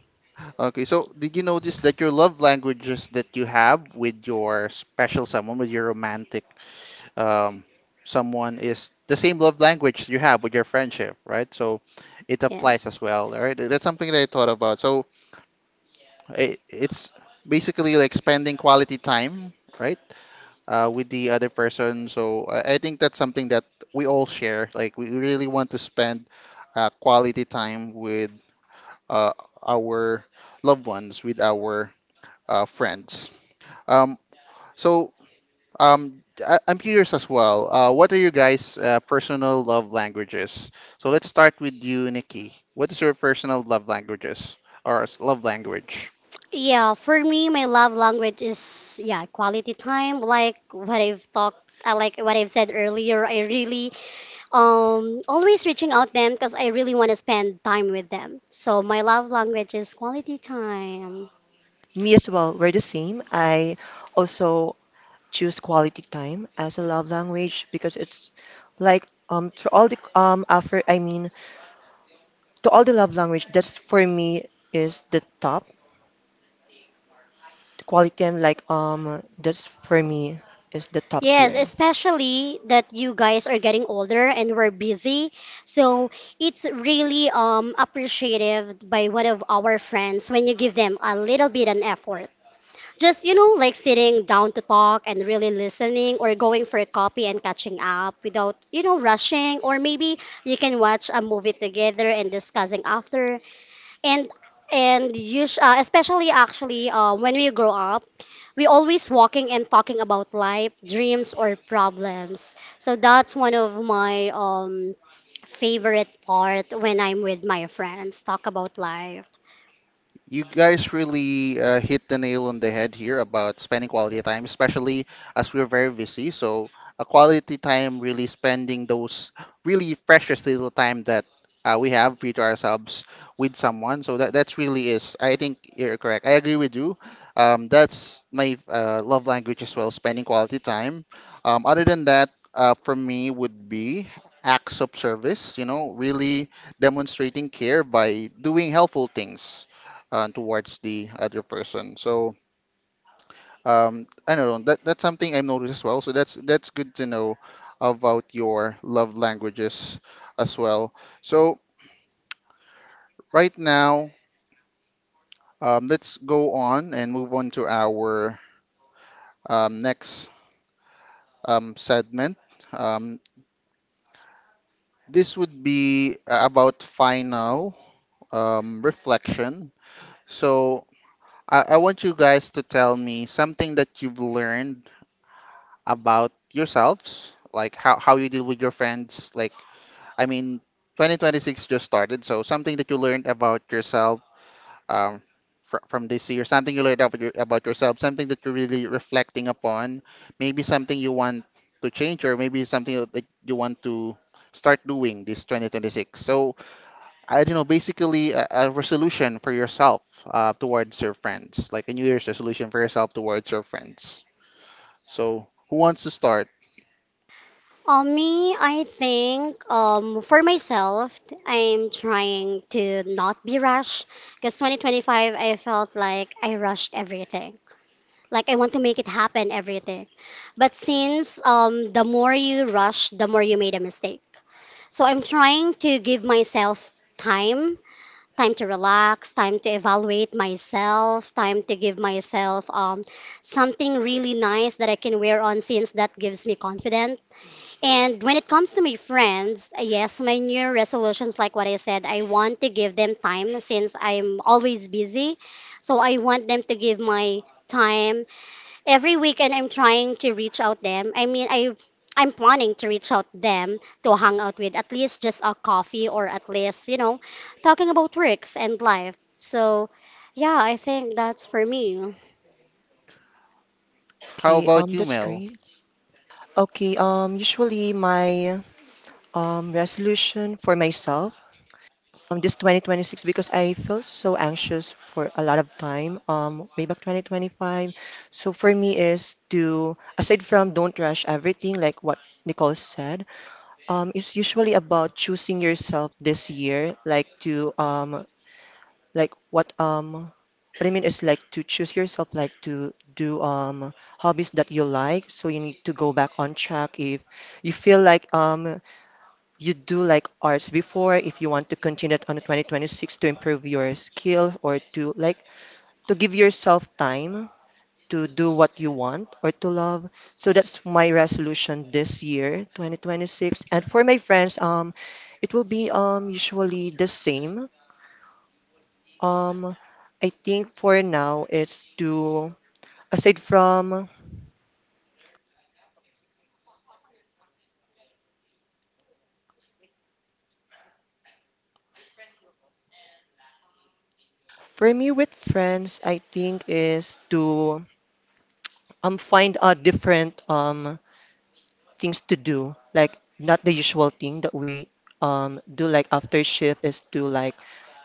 A: Okay, so did you notice that your love languages that you have with your special someone, with your romantic, um, someone, is the same love language you have with your friendship, right? So it applies
B: Yes.
A: as well, right? That's something that I thought about. So it, it's basically like spending quality time, right, uh, with the other person. So I, I think that's something that we all share. Like we really want to spend uh, quality time with uh, our loved ones, with our uh, friends. Um, so um, I- I'm curious as well. Uh, what are your guys' uh, personal love languages? So let's start with you, Nikki. What is your personal love languages or s- love language?
B: Yeah, for me, my love language is, yeah, quality time. Like what I've talked, uh, like what I've said earlier, I really um always reaching out them because I really want to spend time with them. So my love language is quality time.
C: Me as well, we're the same. I also choose quality time as a love language because it's like um to all the um after, I mean, to all the love language that's for me is the top, the quality I'm like, um that's for me is the top
B: Yes,
C: tier.
B: especially that you guys are getting older and we're busy. So it's really um appreciative by one of our friends when you give them a little bit an effort. Just, you know, like sitting down to talk and really listening, or going for a coffee and catching up without, you know, rushing, or maybe you can watch a movie together and discussing after. And and you sh- uh, especially actually uh, when we grow up, we always walking and talking about life, dreams, or problems. So that's one of my um favorite part when I'm with my friends, talk about life.
A: You guys really uh, hit the nail on the head here about spending quality time, especially as we're very busy. So a quality time really spending those really precious little time that uh, we have free to ourselves with someone. So that that's really is. I think you're correct. I agree with you. Um, that's my uh, love language as well, spending quality time. Um, other than that, uh, for me would be acts of service. You know, really demonstrating care by doing helpful things uh, towards the other person. So um, I don't know. That that's something I've noticed as well. So that's that's good to know about your love languages as well. So right now, um, let's go on and move on to our um, next um, segment. Um, this would be uh, about final um, reflection. So I, I want you guys to tell me something that you've learned about yourselves, like how, how you deal with your friends. Like, I mean, twenty twenty-six just started, so something that you learned about yourself, um, fr- from this year, something you learned about, your, about yourself, something that you're really reflecting upon, maybe something you want to change, or maybe something that you want to start doing this twenty twenty-six. So, I don't know, basically a, a resolution for yourself uh, towards your friends, like a New Year's resolution for yourself towards your friends. So, who wants to start?
B: Um, me, I think um for myself, I'm trying to not be rushed because twenty twenty-five I felt like I rushed everything. Like I want to make it happen everything. But since um the more you rush, the more you made a mistake. So I'm trying to give myself time, time to relax, time to evaluate myself, time to give myself um something really nice that I can wear on since that gives me confidence. And when it comes to my friends, uh, yes, my new resolutions, like what I said, I want to give them time since I'm always busy. So I want them to give my time every weekend. I'm trying to reach out them. I mean, I I'm planning to reach out them to hang out with, at least just a coffee, or at least, you know, talking about works and life. So yeah, I think that's for me.
A: How
C: Okay,
A: about
C: um
A: you,
C: that's
A: Mel?
C: great. Okay, um usually my um resolution for myself um this twenty twenty-six because I felt so anxious for a lot of time um way back twenty twenty-five. So for me is to aside from don't rush everything like what Nicole said, um it's usually about choosing yourself this year, like to, um like what um what I mean is like to choose yourself, like to do um hobbies that you like, so you need to go back on track if you feel like um you do like arts before, if you want to continue it on twenty twenty-six to improve your skill or to like to give yourself time to do what you want or to love. So that's my resolution this year, twenty twenty-six. And for my friends, um, it will be um usually the same. Um, I think for now it's to aside from for me with friends, I think is to um find out different um things to do, like not the usual thing that we um do like after shift is to like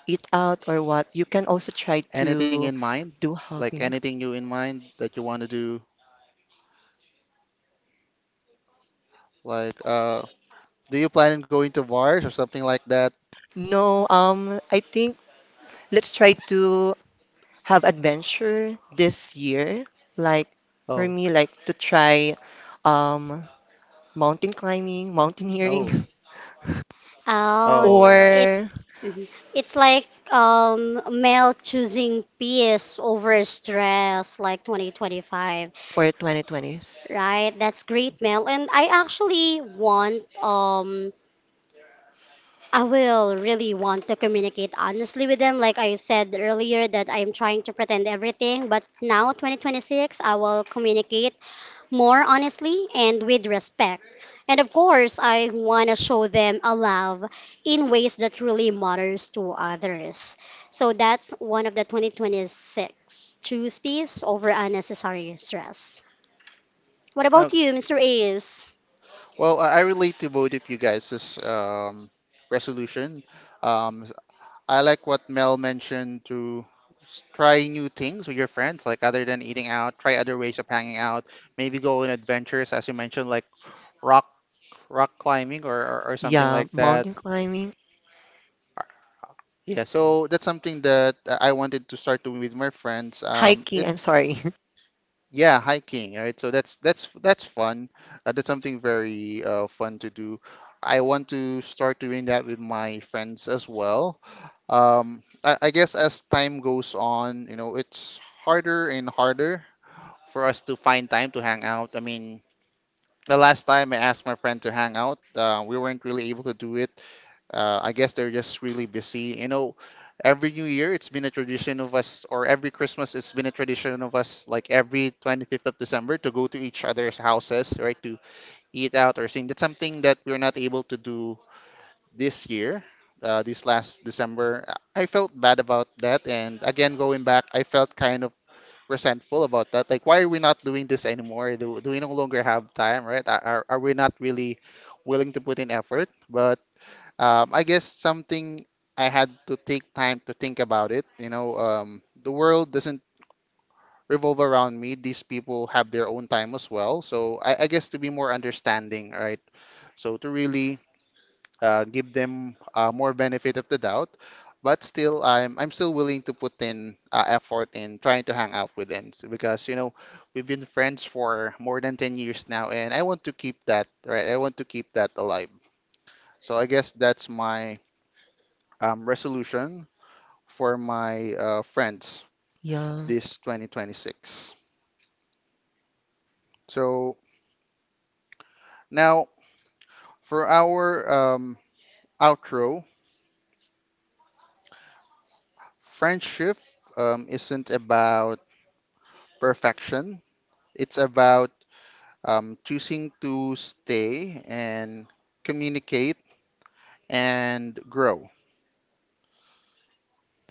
C: eat out or what. You can also try
A: Anything
C: to
A: in mind?
C: do
A: Like
C: hobby.
A: anything you in mind that you want to do? Like, uh, do you plan on going to bars or something like that?
C: No, um, I think let's try to have adventure this year. Like for
A: Oh,
C: me, like to try um mountain climbing, mountaineering,
A: no.
C: [LAUGHS]
B: Oh,
A: Oh, uh,
B: it's
C: or
B: mhm. It's like um male choosing peace over stress, like twenty twenty-five,
C: for twenty twenties.
B: right? That's great, Mel. And I actually want um I will really want to communicate honestly with them. Like I said earlier, that I'm trying to pretend everything, but now twenty twenty-six, I will communicate more honestly and with respect. And of course, I want to show them a love in ways that really matters to others. So that's one of the twenty twenty-six choose peace over unnecessary stress. What
A: oh,
B: about you, Mister Ace?
A: well, I I relate to both of you guys' this um, resolution. Um, s- I like what Mel mentioned to s- try new things with your friends, like other than eating out, try other ways of hanging out, maybe go on adventures, as you mentioned, like rock rock climbing, or, or, or something
C: Yeah,
A: like that.
C: mountain climbing,
A: Yeah, so that's something that uh, I wanted to start doing with my friends. Um,
C: hiking,
A: it
C: I'm sorry. [LAUGHS]
A: yeah, hiking, right? So that's that's that's fun. Uh, that's something very uh, fun to do. I want to start doing that with my friends as well. Um, I, I guess as time goes on, you know, it's harder and harder for us to find time to hang out. I mean, the last time I asked my friend to hang out, uh, we weren't really able to do it, uh, I guess they're just really busy. You know, every New Year, it's been a tradition of us, or every Christmas, it's been a tradition of us, like every twenty-fifth of December, to go to each other's houses, right, to eat out or sing. That's something that we're not able to do this year, uh, this last December. I felt bad about that. And again, going back, I felt kind of resentful about that. Like, why are we not doing this anymore? Do, do we no longer have time, right? Are, are are we not really willing to put in effort? But um, I guess something I had to take time to think about it. You know, um, the world doesn't revolve around me. These people have their own time as well. So I, I guess to be more understanding, right? So to really uh, give them uh, more benefit of the doubt, but still, I'm I'm still willing to put in uh, effort in trying to hang out with them. So because you know we've been friends for more than ten years now, and I want to keep that, right? I want to keep that alive. So I guess that's my um, resolution for my uh, friends
C: Yeah.
A: this twenty twenty-six. So now for our um, outro, friendship um, isn't about perfection. It's about um, choosing to stay and communicate and grow.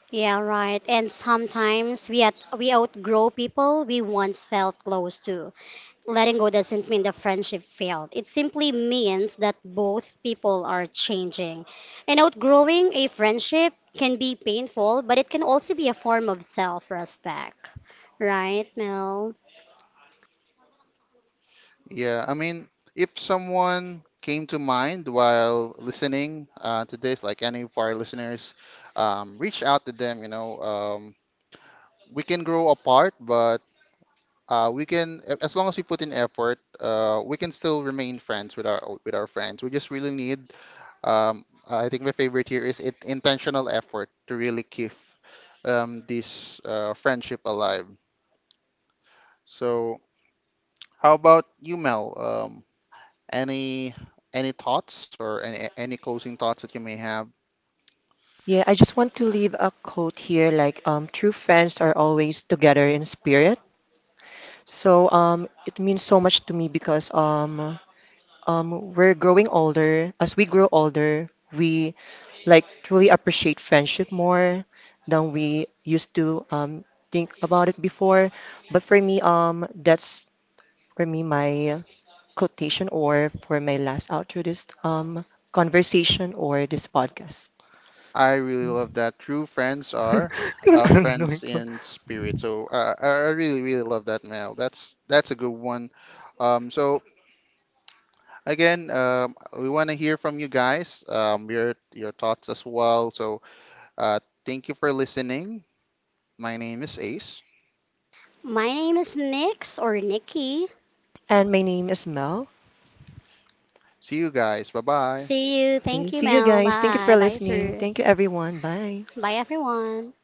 B: Yeah, right. And sometimes we at, we outgrow people we once felt close to. Letting go doesn't mean the friendship failed. It simply means that both people are changing. And outgrowing a friendship can be painful, but it can also be a form of self respect. Right, Mel?
A: Yeah, I mean, if someone came to mind while listening uh, to this, like any of our listeners, um, reach out to them. You know, um, we can grow apart, but Uh, we can, a- as long as we put in effort, uh, we can still remain friends with our with our friends. We just really need, um, I think my favorite here is it, intentional effort to really keep um, this uh, friendship alive. So, how about you, Mel? Um, any any thoughts or any any closing thoughts that you may have?
C: Yeah, I just want to leave a quote here, like um true friends are always together in spirit. So um it means so much to me because um um we're growing older. As we grow older, we like truly appreciate friendship more than we used to um think about it before. But for me, um that's for me, my quotation or for my last outro this um conversation or this podcast.
A: I really love that. True friends are
C: [LAUGHS]
A: uh,
C: I don't
A: friends
C: know.
A: in spirit. So, uh, I I really really love that, Mel. That's that's a good one. Um, so Again, um, we want to hear from you guys, um, your your thoughts as well. So, uh, thank you for listening. My name is Ace.
B: My name is Nix or Nikki.
C: And my name is Mel.
A: See you guys. Bye bye.
B: See you. Thank you,
C: See you
B: Mel.
C: guys. Thank you
B: Bye.
C: for
B: Bye,
C: listening.
B: sir.
C: Thank you, everyone. Bye.
B: Bye, everyone.